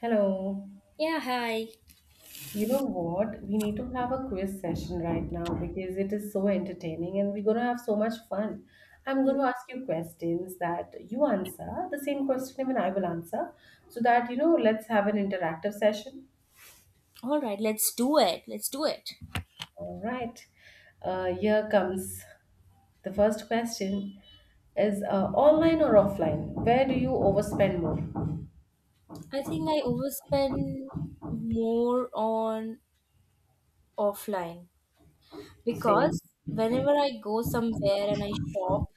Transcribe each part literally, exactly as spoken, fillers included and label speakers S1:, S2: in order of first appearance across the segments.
S1: Hello.
S2: Yeah, hi.
S1: You know what? We need to have a quiz session right now because it is so entertaining and we're going to have so much fun. I'm going
S2: Mm,
S1: to ask you questions that you answer, the same question even I will answer, so that, you know, let's have an interactive session.
S2: All right, let's do it. Let's do it.
S1: All right. Uh, here comes the first question is uh, online or offline? Where do you overspend more?
S2: I think I overspend more on offline
S1: Same.
S2: because whenever I go somewhere and I shop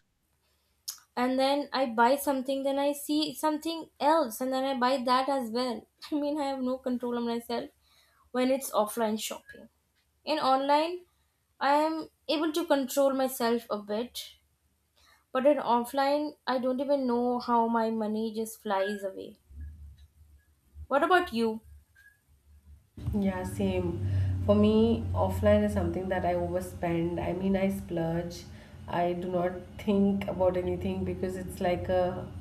S2: and then I buy something, then I see something else and then I buy that as well. I mean, I have no control on myself when it's offline shopping. In online, I am able to control myself a bit, but in offline, I don't even know how my money just flies away. What about you?
S1: Yeah, same. For me, offline is something that I overspend. I mean, I splurge. I do not think about anything because it's like a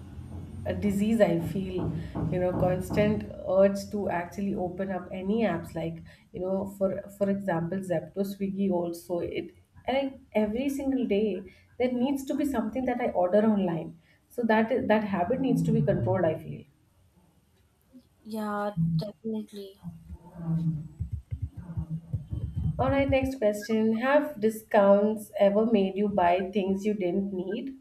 S1: a disease I feel, you know, constant urge to actually open up any apps like, you know, for for example, Zepto, Swiggy also it and every single day there needs to be something that I order online. So that that habit needs to be controlled, I feel.
S2: Yeah, definitely.
S1: All right, next question. Have discounts ever made you buy things you didn't need?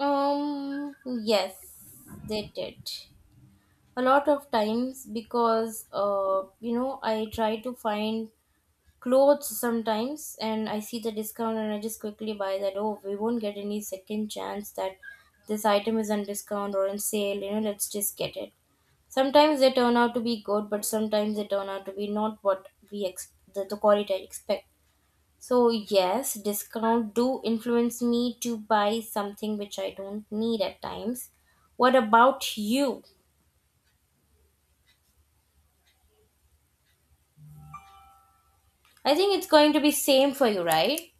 S2: Um, yes, they did. A lot of times because uh, you know, I try to find clothes sometimes and I see the discount and I just quickly buy that. Oh, we won't get any second chance that this item is on discount or on sale, you know, let's just get it. Sometimes they turn out to be good, but sometimes they turn out to be not what we ex- the, the quality I expect. So yes, discount do influence me to buy something which I don't need at times. What about you? I think it's going to be same for you, right?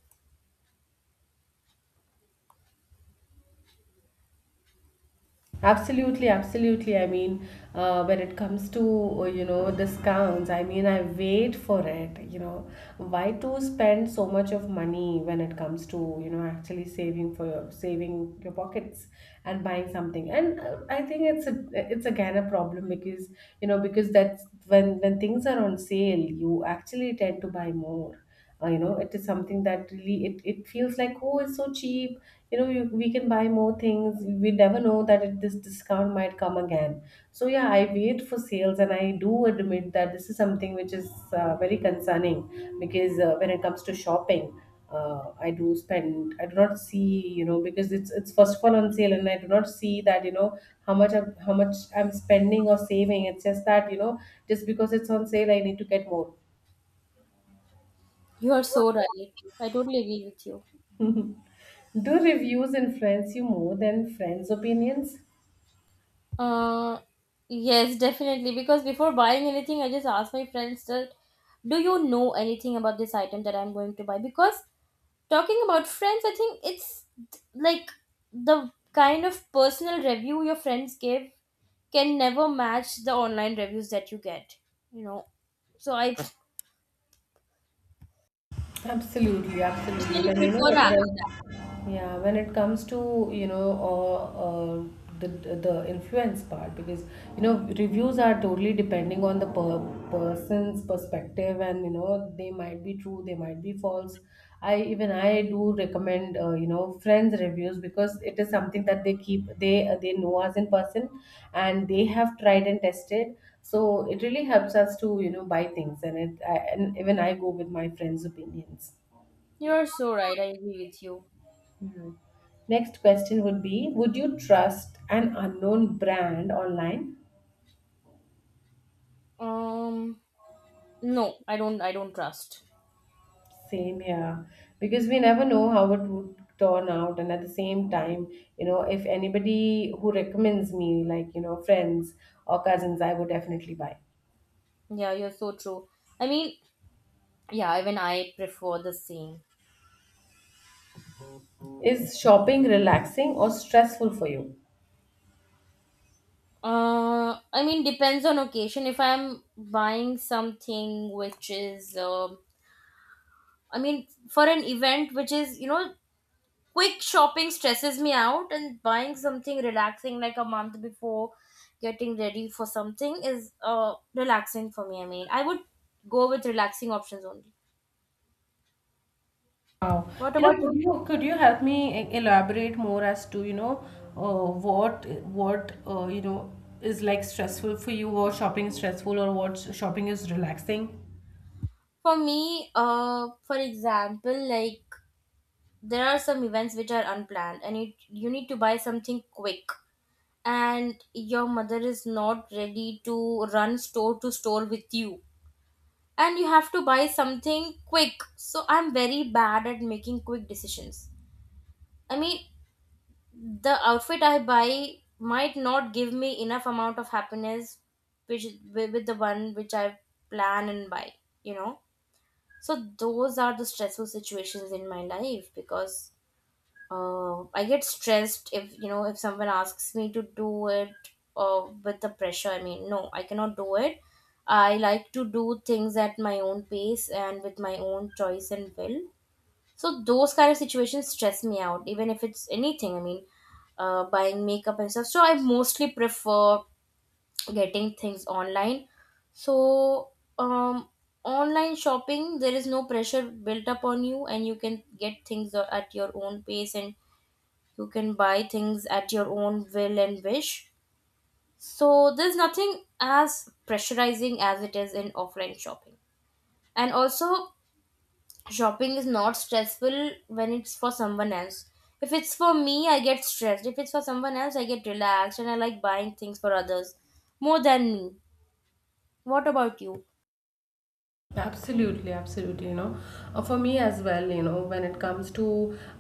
S1: Absolutely, absolutely. I mean, uh, when it comes to uh, you know discounts, I mean, I wait for it. You know, why to spend so much of money when it comes to you know actually saving for your saving your pockets and buying something? And uh, I think it's a it's again a problem because you know because that's when when things are on sale, you actually tend to buy more. Uh, you know, it is something that really it, it feels like oh, it's so cheap you know you, we can buy more things we never know that it, this discount might come again so yeah I wait for sales and I do admit that this is something which is uh, very concerning because uh, when it comes to shopping uh, I do spend I do not see you know because it's it's first of all on sale and I do not see that you know how much I'm, how much I'm spending or saving it's just that you know just because it's on sale I need to get more
S2: You are so right. I totally agree with you.
S1: do reviews influence you more than friends opinions.
S2: Uh yes, definitely because before buying anything, I just ask my friends that do you know anything about this item that I'm going to buy? Because talking about friends, I think it's like the kind of personal review your friends give can never match the online reviews that you get you know so i
S1: Absolutely, absolutely.
S2: personally
S1: When you know,
S2: prefer app.
S1: when, yeah, when it comes to you know uh, uh, the the influence part, because you know reviews are totally depending on the per person's perspective, and you know they might be true, they might be false. I even I do recommend uh, you know friends reviews because it is something that they keep they uh, they know us in person and they have tried and tested so it really helps us to you know buy things and it I, and even I go with my friends' opinions.
S2: You're so right, I agree with you.
S1: Mhm. Next question would be, would you trust an unknown brand online?
S2: um no, i don't i don't trust.
S1: Same, yeah. Because we never know how it would turn out. And at the same time, you know, if anybody who recommends me, like, you know, friends or cousins, I would definitely buy.
S2: Yeah, you're so true. I mean, yeah, even I prefer the same.
S1: Is shopping relaxing or stressful for you?
S2: uh I mean, depends on occasion. If i'm buying something which is um I mean for an event which is, you know, quick shopping stresses me out, and buying something relaxing like a month before getting ready for something is uh, relaxing for me. I mean, I would go with relaxing options only.
S1: Wow.
S2: What
S1: You know,
S2: about
S1: could
S2: you?
S1: you could you help me e- elaborate more as to, you know, uh, what what uh, you know is like stressful for you or shopping is stressful or what shopping is relaxing?
S2: For me? Uh, for example, like there are some events which are unplanned, and it, you need to buy something quick, and your mother is not ready to run store to store with you, and you have to buy something quick. So I'm very bad at making quick decisions. I mean, the outfit I buy might not give me enough amount of happiness, which with with the one which I plan and buy. You know, so those are the stressful situations in my life because uh, I get stressed if, you know, if someone asks me to do it uh, with the pressure. I mean, no, I cannot do it. I like to do things at my own pace and with my own choice and will. So those kind of situations stress me out, even if it's anything. I mean, uh, buying makeup and stuff. So I mostly prefer getting things online. So um, online shopping, there is no pressure built up on you, and you can get things a- at your own pace, and you can buy things at your own will and wish. So there's nothing as pressurizing as it is in offline shopping. And also, shopping is not stressful when it's for someone else. If it's for me, I get stressed. If it's for someone else, I get relaxed and I like buying things for others more than me. What about you?
S1: Absolutely, absolutely. You know, Uh, for me as well, you know, when it comes to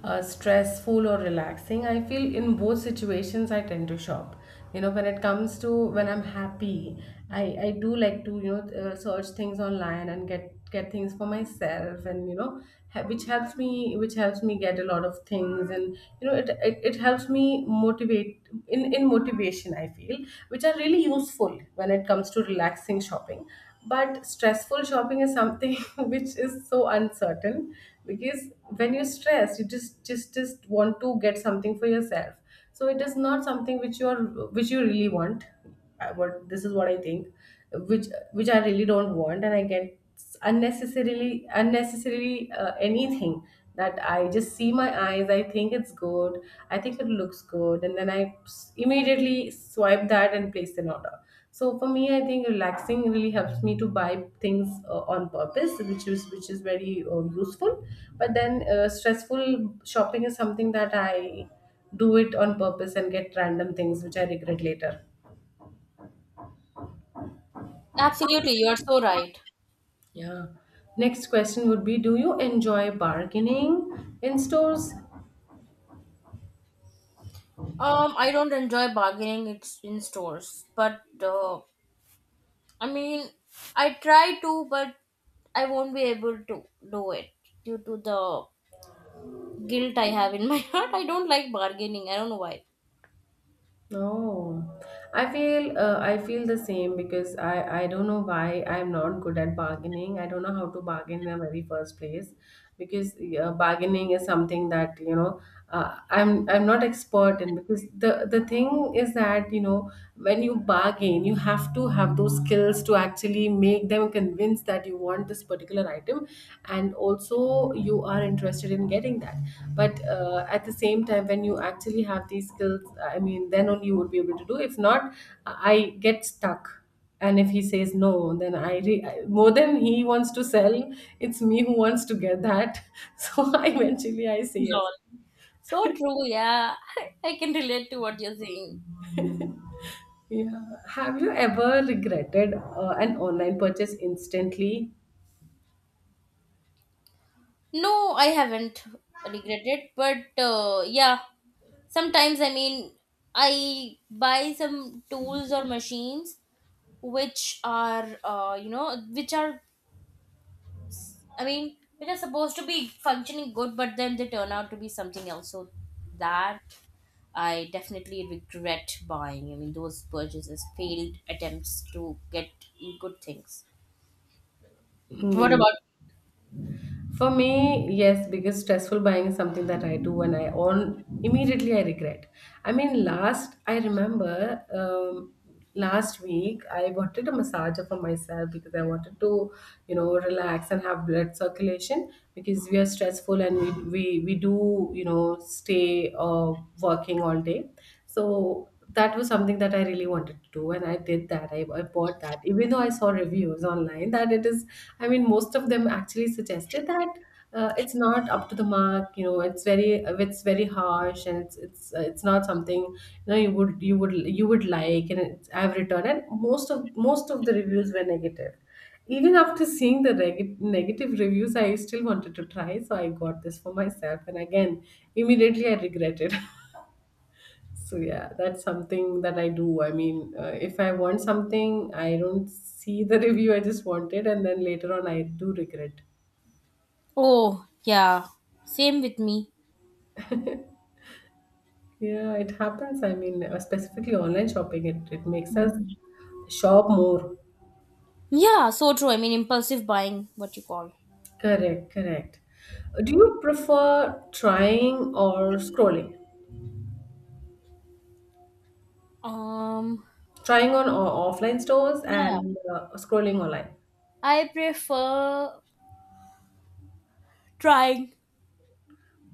S1: uh, stressful or relaxing, I feel in both situations I tend to shop. You know, when it comes to when I'm happy, I I do like to you know uh, search things online and get get things for myself, and you know, ha- which helps me which helps me get a lot of things, and you know, it it, it helps me motivate in in motivation. I feel which are really useful when it comes to relaxing shopping but stressful shopping is something which is so uncertain because when you're stressed, you just just just want to get something for yourself. So it is not something which you are which you really want. I- What this is what I think, which which I really don't want, and I get unnecessarily unnecessarily uh, anything that I just see my eyes. I think it's good. I think it looks good, and then I s- immediately swipe that and place an order. So for me, I think relaxing really helps me to buy things uh, on purpose, which is which is very uh, useful. But then uh, stressful shopping is something that I do it on purpose and get random things which I regret later.
S2: Absolutely, you're so right.
S1: Yeah. Next question would be: do you enjoy bargaining in stores?
S2: Um, I don't enjoy bargaining it's in stores, but uh, I mean, I try to, but I won't be able to do it due to the guilt I have in my heart. I don't like bargaining. I don't know why.
S1: No, I feel uh, I feel the same because I I don't know why I'm not good at bargaining. I don't know how to bargain in the very first place because uh, bargaining is something that you know uh, I'm I'm not expert in because the the thing is that you know when you bargain you have to have those skills to actually make them convince means that you want this particular item and also you are interested in getting that but uh, at the same time when you actually have these skills I mean then only you would be able to do if not I get stuck and if he says no then i re- I- more than he wants to sell it's me who wants to get that so I eventually I say
S2: So,
S1: yes.
S2: so true, yeah. I can relate to what you're saying.
S1: Yeah, have you ever regretted uh, an online purchase instantly?
S2: No, I haven't regretted, but uh, yeah, sometimes I mean, I buy some tools or machines which are, uh, you know, which are, I mean, which are supposed to be functioning good, but then they turn out to be something else. So that I definitely regret buying. I mean, those purchases, failed attempts to get good things. What
S1: Hmm.
S2: about.
S1: For me, yes, because stressful buying is something that I do and I on immediately I regret. I mean, last I remember um, last week I wanted a massager for myself because I wanted to, you know, relax and have blood circulation because we are stressful and we we, we do you know stay uh, working all day. So that was something that I really wanted to do, and I did that. I, I bought that, even though I saw reviews online that it is. I mean, most of them actually suggested that uh, it's not up to the mark. You know, it's very it's very harsh, and it's it's uh, it's not something you know you would you would you would like. And it's, I've returned, and most of most of the reviews were negative. Even after seeing the reg- negative reviews, I still wanted to try, so I got this for myself. And again, immediately I regretted. So yeah, that's something that I do. I mean, uh, if I want something, I don't see the review. I just want it, and then later on, I do regret.
S2: Oh, yeah. Same with me.
S1: Yeah, it happens. I mean, uh, specifically online shopping, it, it makes us
S2: Mhm.
S1: shop more.
S2: Yeah, so true. I mean, impulsive buying, what you call.
S1: Correct, correct. Uh, Do you prefer trying or scrolling?
S2: Um,
S1: Trying on o- offline stores
S2: yeah.
S1: and uh, scrolling online.
S2: I prefer trying.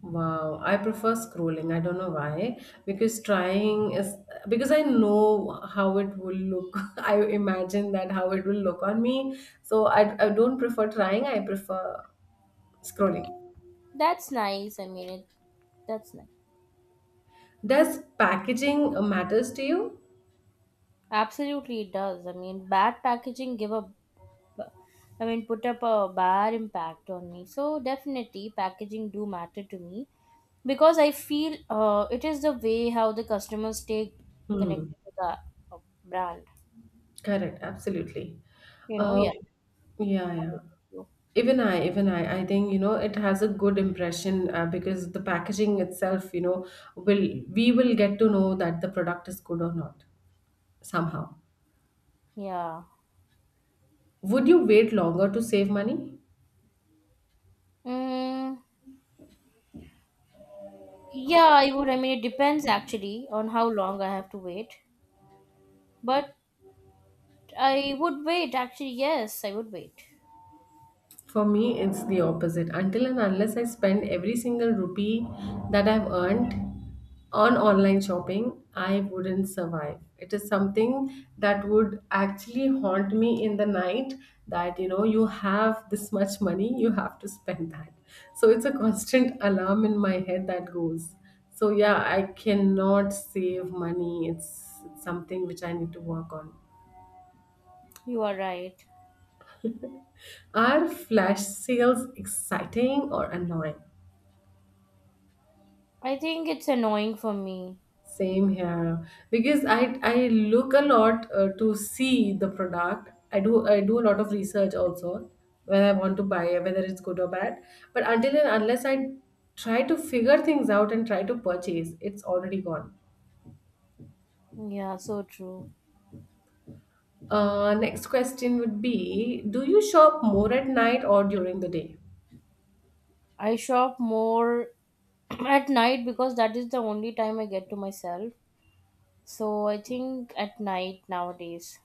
S1: Wow, I prefer scrolling. I don't know why. Because trying is because I know how it will look. I imagine that how it will look on me. So I, I don't prefer trying. I prefer scrolling.
S2: That's nice. I mean, it, that's nice.
S1: Does packaging uh, matters to you?
S2: Absolutely, it does. I mean, bad packaging give a, b- I mean, put up a bad impact on me. So definitely, packaging do matter to me because I feel uh, it is the way how the customers stay
S1: Hmm.
S2: connected to the uh, brand.
S1: Correct. Absolutely.
S2: You know,
S1: Uh,
S2: yeah.
S1: yeah, yeah. Even I, even I, I think, you know, it has a good impression uh, because the packaging itself, you know, will we will get to know that the product is good or not somehow.
S2: Yeah.
S1: Would you wait longer to save money?
S2: Mm, yeah, I would. I mean, it depends actually on how long I have to wait. But I would wait, actually. Yes, I would wait.
S1: For me, it's the opposite. Until and unless I spend every single rupee that I've earned on online shopping, I wouldn't survive. It is something that would actually haunt me in the night that you know you have this much money, you have to spend that. So it's a constant alarm in my head that goes. So yeah, I cannot save money. It's, it's something which I need to work on.
S2: You are right.
S1: Are flash sales exciting or annoying?
S2: I think it's annoying for me.
S1: Same here because I I look a lot uh, to see the product. I do I do a lot of research also when I want to buy it, whether it's good or bad. But until and unless I try to figure things out and try to purchase, it's already gone.
S2: Yeah, so true.
S1: Uh, next question would be: do you shop more at night or during the day?
S2: I shop more at night because that is the only time I get to myself. So I think at night nowadays.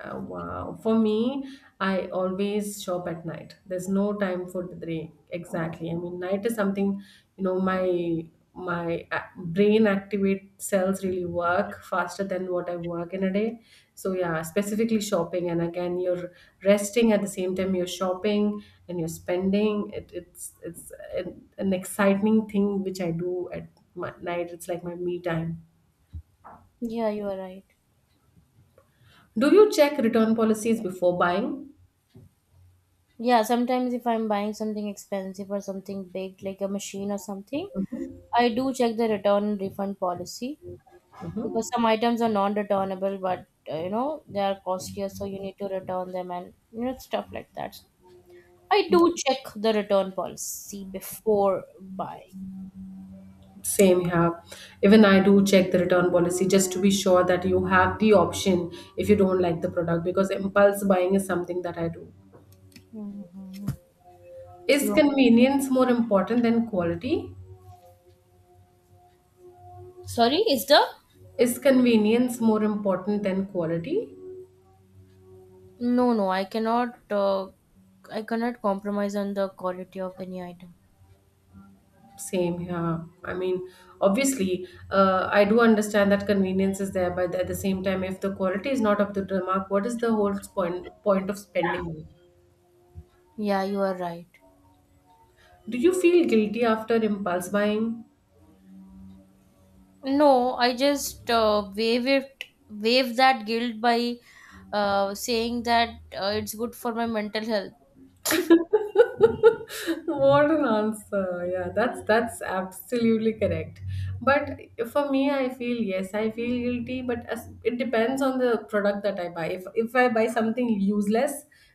S1: Uh, wow. For me, I always shop at night. There's no time for the day. Exactly. I mean, night is something, you know, my my a- brain activate cells really work faster than what I work in a day. So yeah, specifically shopping. And again, you're resting at the same time you're shopping and you're spending. It, it's it's an, an exciting thing which I do at my, night. It's like my me time.
S2: Yeah, you are right.
S1: Do you check return policies before buying?
S2: Yeah, sometimes if I'm buying something expensive or something big, like a machine or something,
S1: Mhm.
S2: I do check the return and refund policy because
S1: Mhm.
S2: some items are non-returnable, but uh, you know they are costlier, so you need to return them and you know stuff like that. So I do check the return policy before buying.
S1: Same here. Even I do check the return policy just to be sure that you have the option if you don't like the product because impulse buying is something that I do. Is
S2: You-
S1: convenience more important than quality?
S2: Sorry, is the.
S1: Is convenience more important than quality?
S2: No, no, I cannot. Uh, I cannot compromise on the quality of any item.
S1: Same here. I mean, obviously, uh, I do understand that convenience is there, but at the same time, if the quality is not up to the mark, what is the whole point point of spending money?
S2: Yeah, you are right.
S1: Do you feel guilty after impulse buying?
S2: No, I just uh, waive it, waive that guilt by uh, saying that uh, it's good for my mental health.
S1: What an answer. Yeah, that's that's absolutely correct. But for me, I feel yes, I feel guilty, but as, it depends on the product that I buy. If if I buy something useless,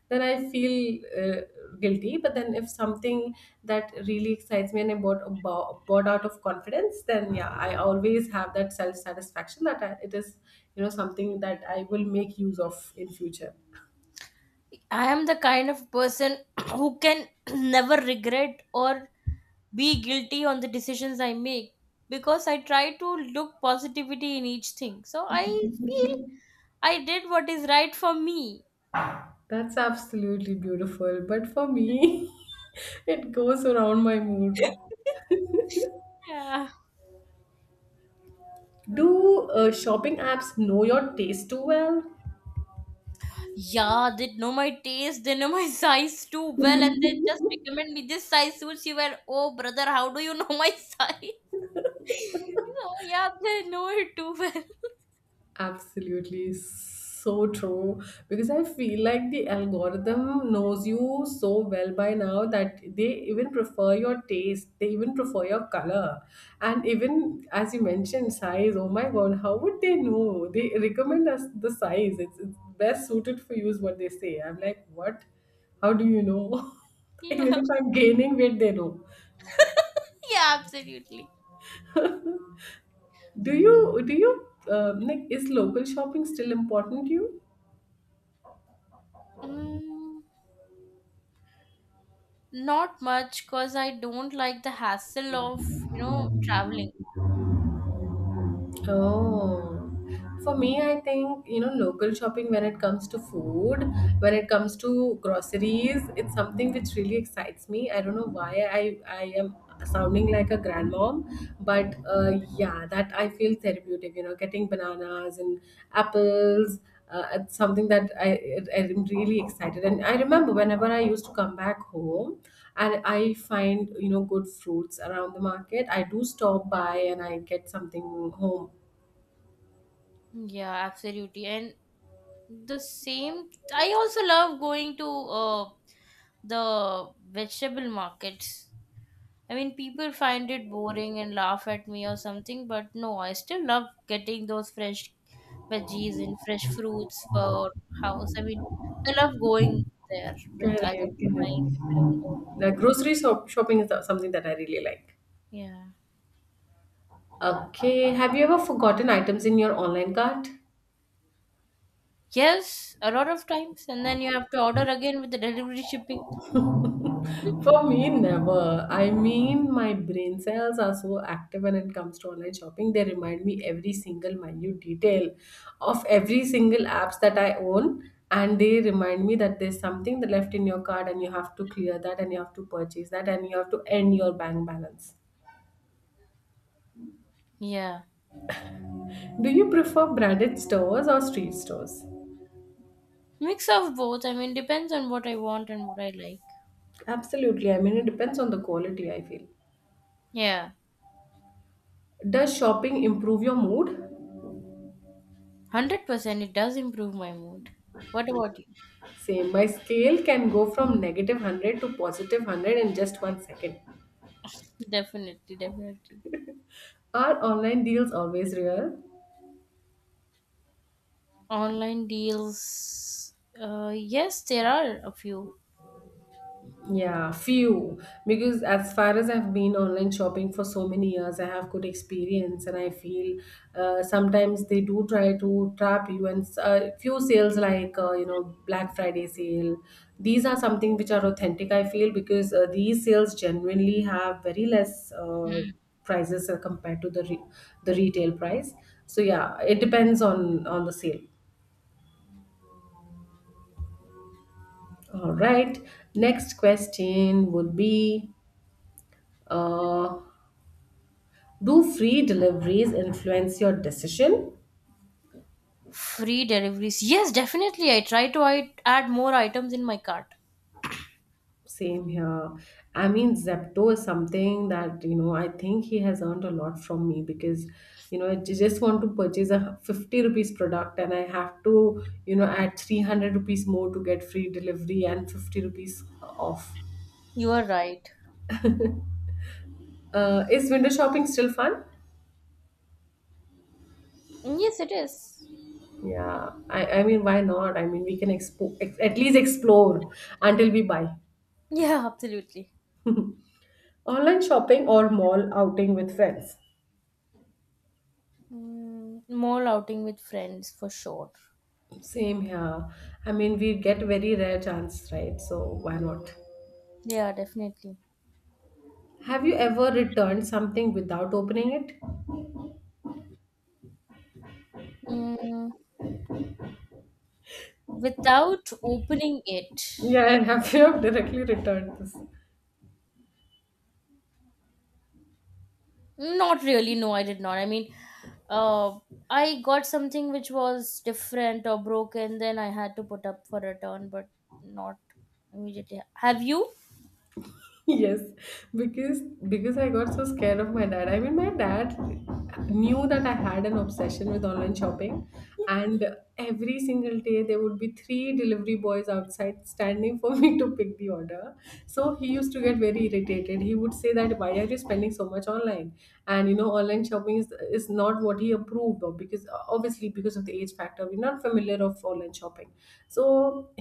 S1: then I feel uh, guilty. But then if something that really excites me and I bought, bought bought out of confidence, then yeah, I always have that self satisfaction that I, it is you know something that I will make use of in future.
S2: I am the kind of person who can never regret or be guilty on the decisions I make because I try to look positivity in each thing. So I feel I did what is right for me.
S1: That's absolutely beautiful. But for me, it goes around my mood.
S2: Yeah.
S1: Do uh, shopping apps know your taste too well?
S2: Yeah, they know my taste, they know my size too well, and they just recommend me this size suits you well. Oh, brother, how do you know my size? Oh, yeah, they know it too well.
S1: Absolutely so true, because I feel like the algorithm knows you so well by now that they even prefer your taste, they even prefer your color, and even as you mentioned, size. Oh my god, how would they know? They recommend us the size, it's, it's best suited for you, is what they say. I'm like, what? How do you know?
S2: Yeah,
S1: Even if I'm gaining weight, they know.
S2: yeah, absolutely.
S1: Do you, do you, um like, is local shopping still important to you?
S2: Mm. Not much, cause I don't like the hassle of, you know, traveling.
S1: Oh, for me, I think you know local shopping when it comes to food, when it comes to groceries, it's something which really excites me. I don't know why I I am sounding like a grandmom, but uh, yeah, that I feel therapeutic. You know, getting bananas and apples. Uh, it's something that I I- I'm really excited, and I remember whenever I used to come back home, and I find you know good fruits around the market. I do stop by and I get something home.
S2: Yeah, absolutely. And the same, I also love going to uh, the vegetable markets. I mean, people find it boring and laugh at me or something, but no, I still love getting those fresh veggies and fresh fruits for house. I mean, I love going there with other
S1: Correct,
S2: my
S1: correct.
S2: sibling or my
S1: The grocery shop shopping is something that I really like.
S2: yeah.
S1: Okay, have you ever forgotten items in your online cart?
S2: Yes, a lot of times, and then you have to order again with the delivery shipping.
S1: For me, never. I mean, my brain cells are so active when it comes to online shopping. They remind me every single minute detail of every single apps that I own, and they remind me that there's something that left in your card, and you have to clear that, and you have to purchase that, and you have to end your bank balance.
S2: Yeah.
S1: Do you prefer branded stores or street stores?
S2: Mix of both. I mean, depends on what I want and what I like.
S1: Absolutely. I mean, it depends on the quality, I feel.
S2: Yeah.
S1: Does shopping improve your mood?
S2: one hundred percent it does improve my mood. What about you?
S1: Same. My scale can go from negative one hundred to positive one hundred in just one second.
S2: Definitely, definitely.
S1: Are online deals always real?
S2: Online deals. Uh, yes, there are a few.
S1: Yeah, few. Because as far as I've been online shopping for so many years, I have good experience, and I feel uh, sometimes they do try to trap you. And uh, few sales like uh, you know, Black Friday sale, these are something which are authentic. I feel because uh, these sales genuinely have very less uh, prices uh, compared to the re- the retail price. So yeah, it depends on on the sale. All right. Next question would be. Uh, Do free deliveries influence your decision?
S2: Free deliveries. Yes, definitely. I try to I- add more items in my cart.
S1: Same here. I mean, Zepto is something that, you know, I think he has earned a lot from me because, you know, I ju- just want to purchase a fifty rupees product and I have to, you know, add three hundred rupees more to get free delivery and fifty rupees off.
S2: You are right.
S1: Uh, is window shopping still fun?
S2: Yes, it is.
S1: Yeah. I, I mean, why not? I mean, we can expo- ex- at least explore until we buy.
S2: Yeah, absolutely.
S1: Online shopping or mall outing with friends?
S2: Mm, more outing with friends for sure.
S1: Same here. I mean, we get very rare chance, right? So why not?
S2: Yeah, definitely.
S1: Have you ever returned something without opening it?
S2: Mm, without opening it.
S1: Yeah, I have. You have directly returned this?
S2: Not really, no, I did not. I mean, uh, I got something which was different or broken, then I had to put up for return, but not immediately. Have you?
S1: Yes, because because I got so scared of my dad. I mean, my dad knew that I had an obsession with online shopping, and every single day there would be three delivery boys outside standing for me to pick the order. So he used to get very irritated. He would say that why are you spending so much online? And you know, online shopping shopping is is not what he approved of because uh, obviously because of the age factor we're not familiar of online shopping, so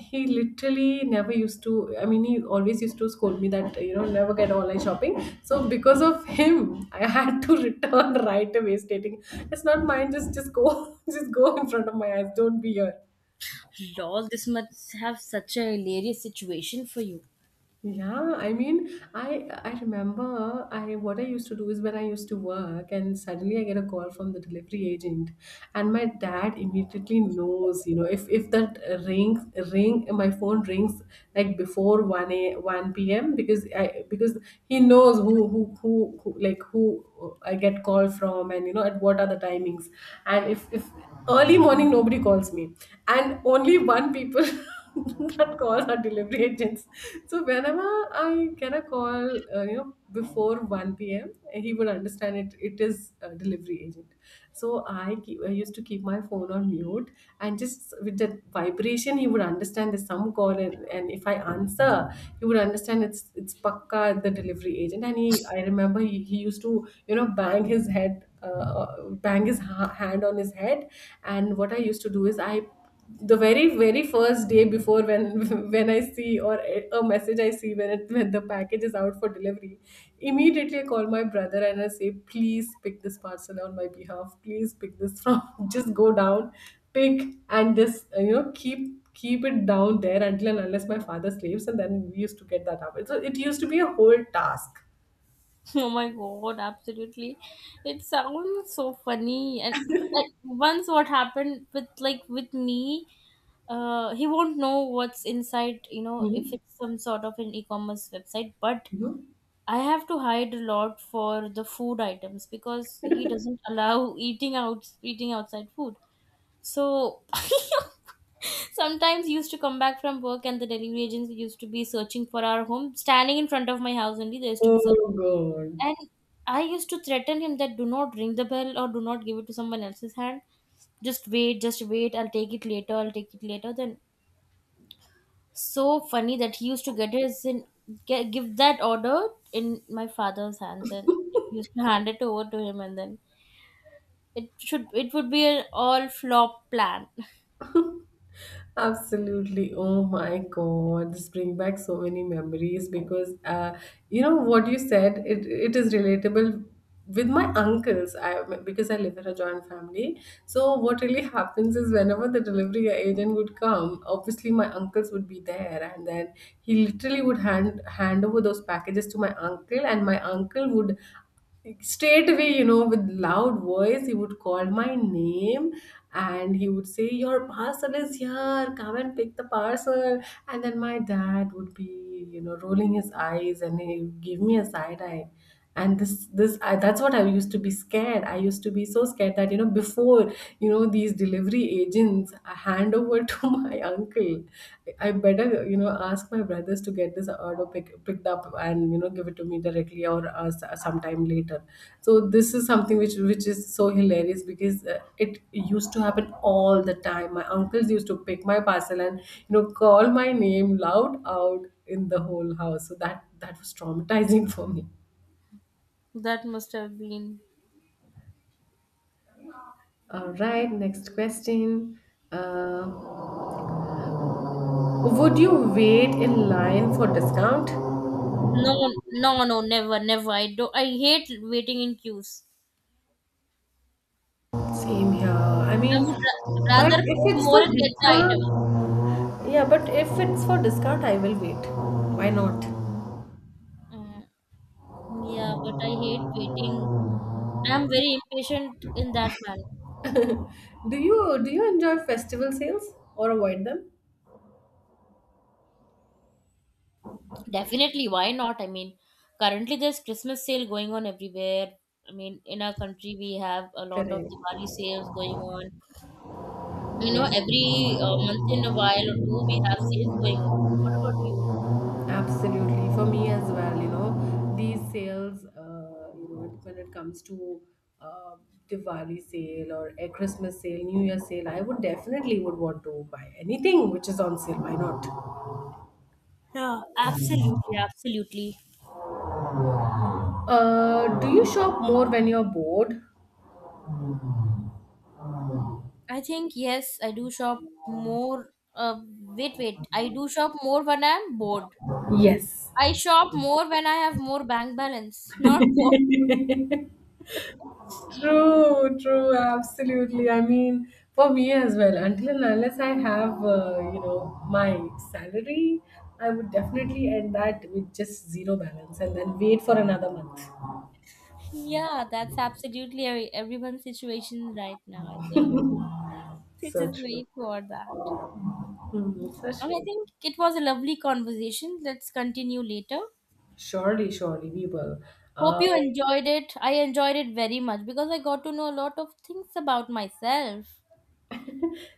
S1: he literally never used to, I mean, he always used to scold me that, you know, never get online shopping. So because of him, I had to return right away, stating it's not mine, just just go. Just go in front of my eyes, don't be here.
S2: Lol, this must have such a hilarious situation for you.
S1: Yeah, I mean, I I remember I what I used to do is when I used to work and suddenly I get a call from the delivery agent, and my dad immediately knows, you know, if if that rings ring my phone rings like before 1 a one p m because I because he knows who who who, who like who I get call from, and you know, at what are the timings. And if if early morning nobody calls me, and only one people that calls our delivery agents. So whenever I get a call, uh, you know, before one p m, he would understand it. It is a delivery agent. So I, keep, I used to keep my phone on mute, and just with that vibration, he would understand there's some call, and, and if I answer, he would understand it's it's Pakka, the delivery agent. And he, I remember he, he used to, you know, bang his head. Uh, uh, bang his ha- hand on his head. And what I used to do is, I the very very first day before, when when I see or a a message I see, when it when the package is out for delivery, immediately I call my brother and I say, please pick this parcel on my behalf, please pick this from just go down, pick, and this, uh, you know, keep keep it down there until and unless my father sleeps, and then we used to get that up. So it used to be a whole task.
S2: Oh my god, absolutely. It sounds so funny. And like once what happened with like with me, uh he won't know what's inside, you know, if
S1: Mhm.
S2: it's some sort of an e-commerce website, but
S1: Mhm.
S2: I have to hide a lot for the food items because he doesn't allow eating out eating outside food. So sometimes he used to come back from work and the delivery agents used to be searching for our home, standing in front of my house only, there used to be
S1: Oh
S2: searching
S1: god.
S2: and I used to threaten him that do not ring the bell or do not give it to someone else's hand. Just wait, just wait. I'll take it later. I'll take it later. Then so funny that he used to get his in get, give that order in my father's hands and he used to hand it over to him and then it should it would be an all flop plan.
S1: Absolutely. Oh my God. This brings back so many memories because uh, you know what you said, it, it is relatable with my uncles. I because I live in a joint family. So what really happens is, whenever the delivery agent would come, obviously my uncles would be there, and then he literally would hand hand over those packages to my uncle, and my uncle would straight away, you know, with loud voice, he would call my name, and he would say, your parcel is here, come and pick the parcel. And then my dad would be, you know, rolling his eyes, and he give me a side eye. And this this I, that's what I used to be scared, I used to be so scared, that you know, before you know these delivery agents hand over to my uncle, I better, you know, ask my brothers to get this order pick, picked up, and you know, give it to me directly, or uh, s- sometime later. So this is something which which is so hilarious, because uh, it used to happen all the time. My uncles used to pick my parcel and, you know, call my name loud out in the whole house, so that that was traumatizing for me.
S2: That must have been.
S1: All right, next question. Uh, would you wait in line for discount?
S2: No, no, no, never, never. I do I hate waiting in queues.
S1: Same here. I
S2: I
S1: mean,
S2: would ra-
S1: but
S2: rather pay
S1: if it's
S2: more
S1: for
S2: and get the item.
S1: discount, yeah, but if it's for discount, I will wait. Why not?
S2: Mm. Yeah, but I hate waiting. I am very impatient in that manner.
S1: Do you do you enjoy festival sales or avoid them?
S2: Definitely, why not? I mean, currently there's Christmas sale going on everywhere. I mean, in our country we have a lot of
S1: Correct.
S2: Diwali sales going on. You know,
S1: Yes, yes.
S2: every uh, month in a while or two we have sales going on. What about you?
S1: Absolutely, for me as well, you know, these sales, uh, you know, when it comes to uh, Diwali sale or a Christmas sale, New Year sale, I would definitely would want to buy anything which is on sale. Why not?
S2: Yeah, absolutely, absolutely.
S1: Uh, do you shop more when you're bored?
S2: I think yes, I do shop more. Uh, wait, wait. I do shop more when I'm bored.
S1: Yes.
S2: I shop more when I have more bank balance, not bored.
S1: True, true, absolutely. I mean, for me as well, until and unless I have, uh, you know, my salary, I would definitely end that with just zero balance and then wait for another month.
S2: Yeah, that's absolutely every- everyone's situation right now. I think we
S1: So
S2: just
S1: true.
S2: wait for that.
S1: Mm, so
S2: And I
S1: true.
S2: think it was a lovely conversation. Let's continue later.
S1: Surely, surely we will. Uh,
S2: Hope you enjoyed it. I enjoyed it very much because I got to know a lot of things about myself.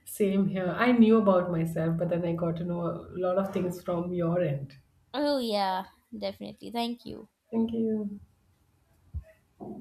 S1: Same here. I knew about myself, but then I got to know a lot of things from your end.
S2: Oh, yeah, definitely. Thank you.
S1: Thank you.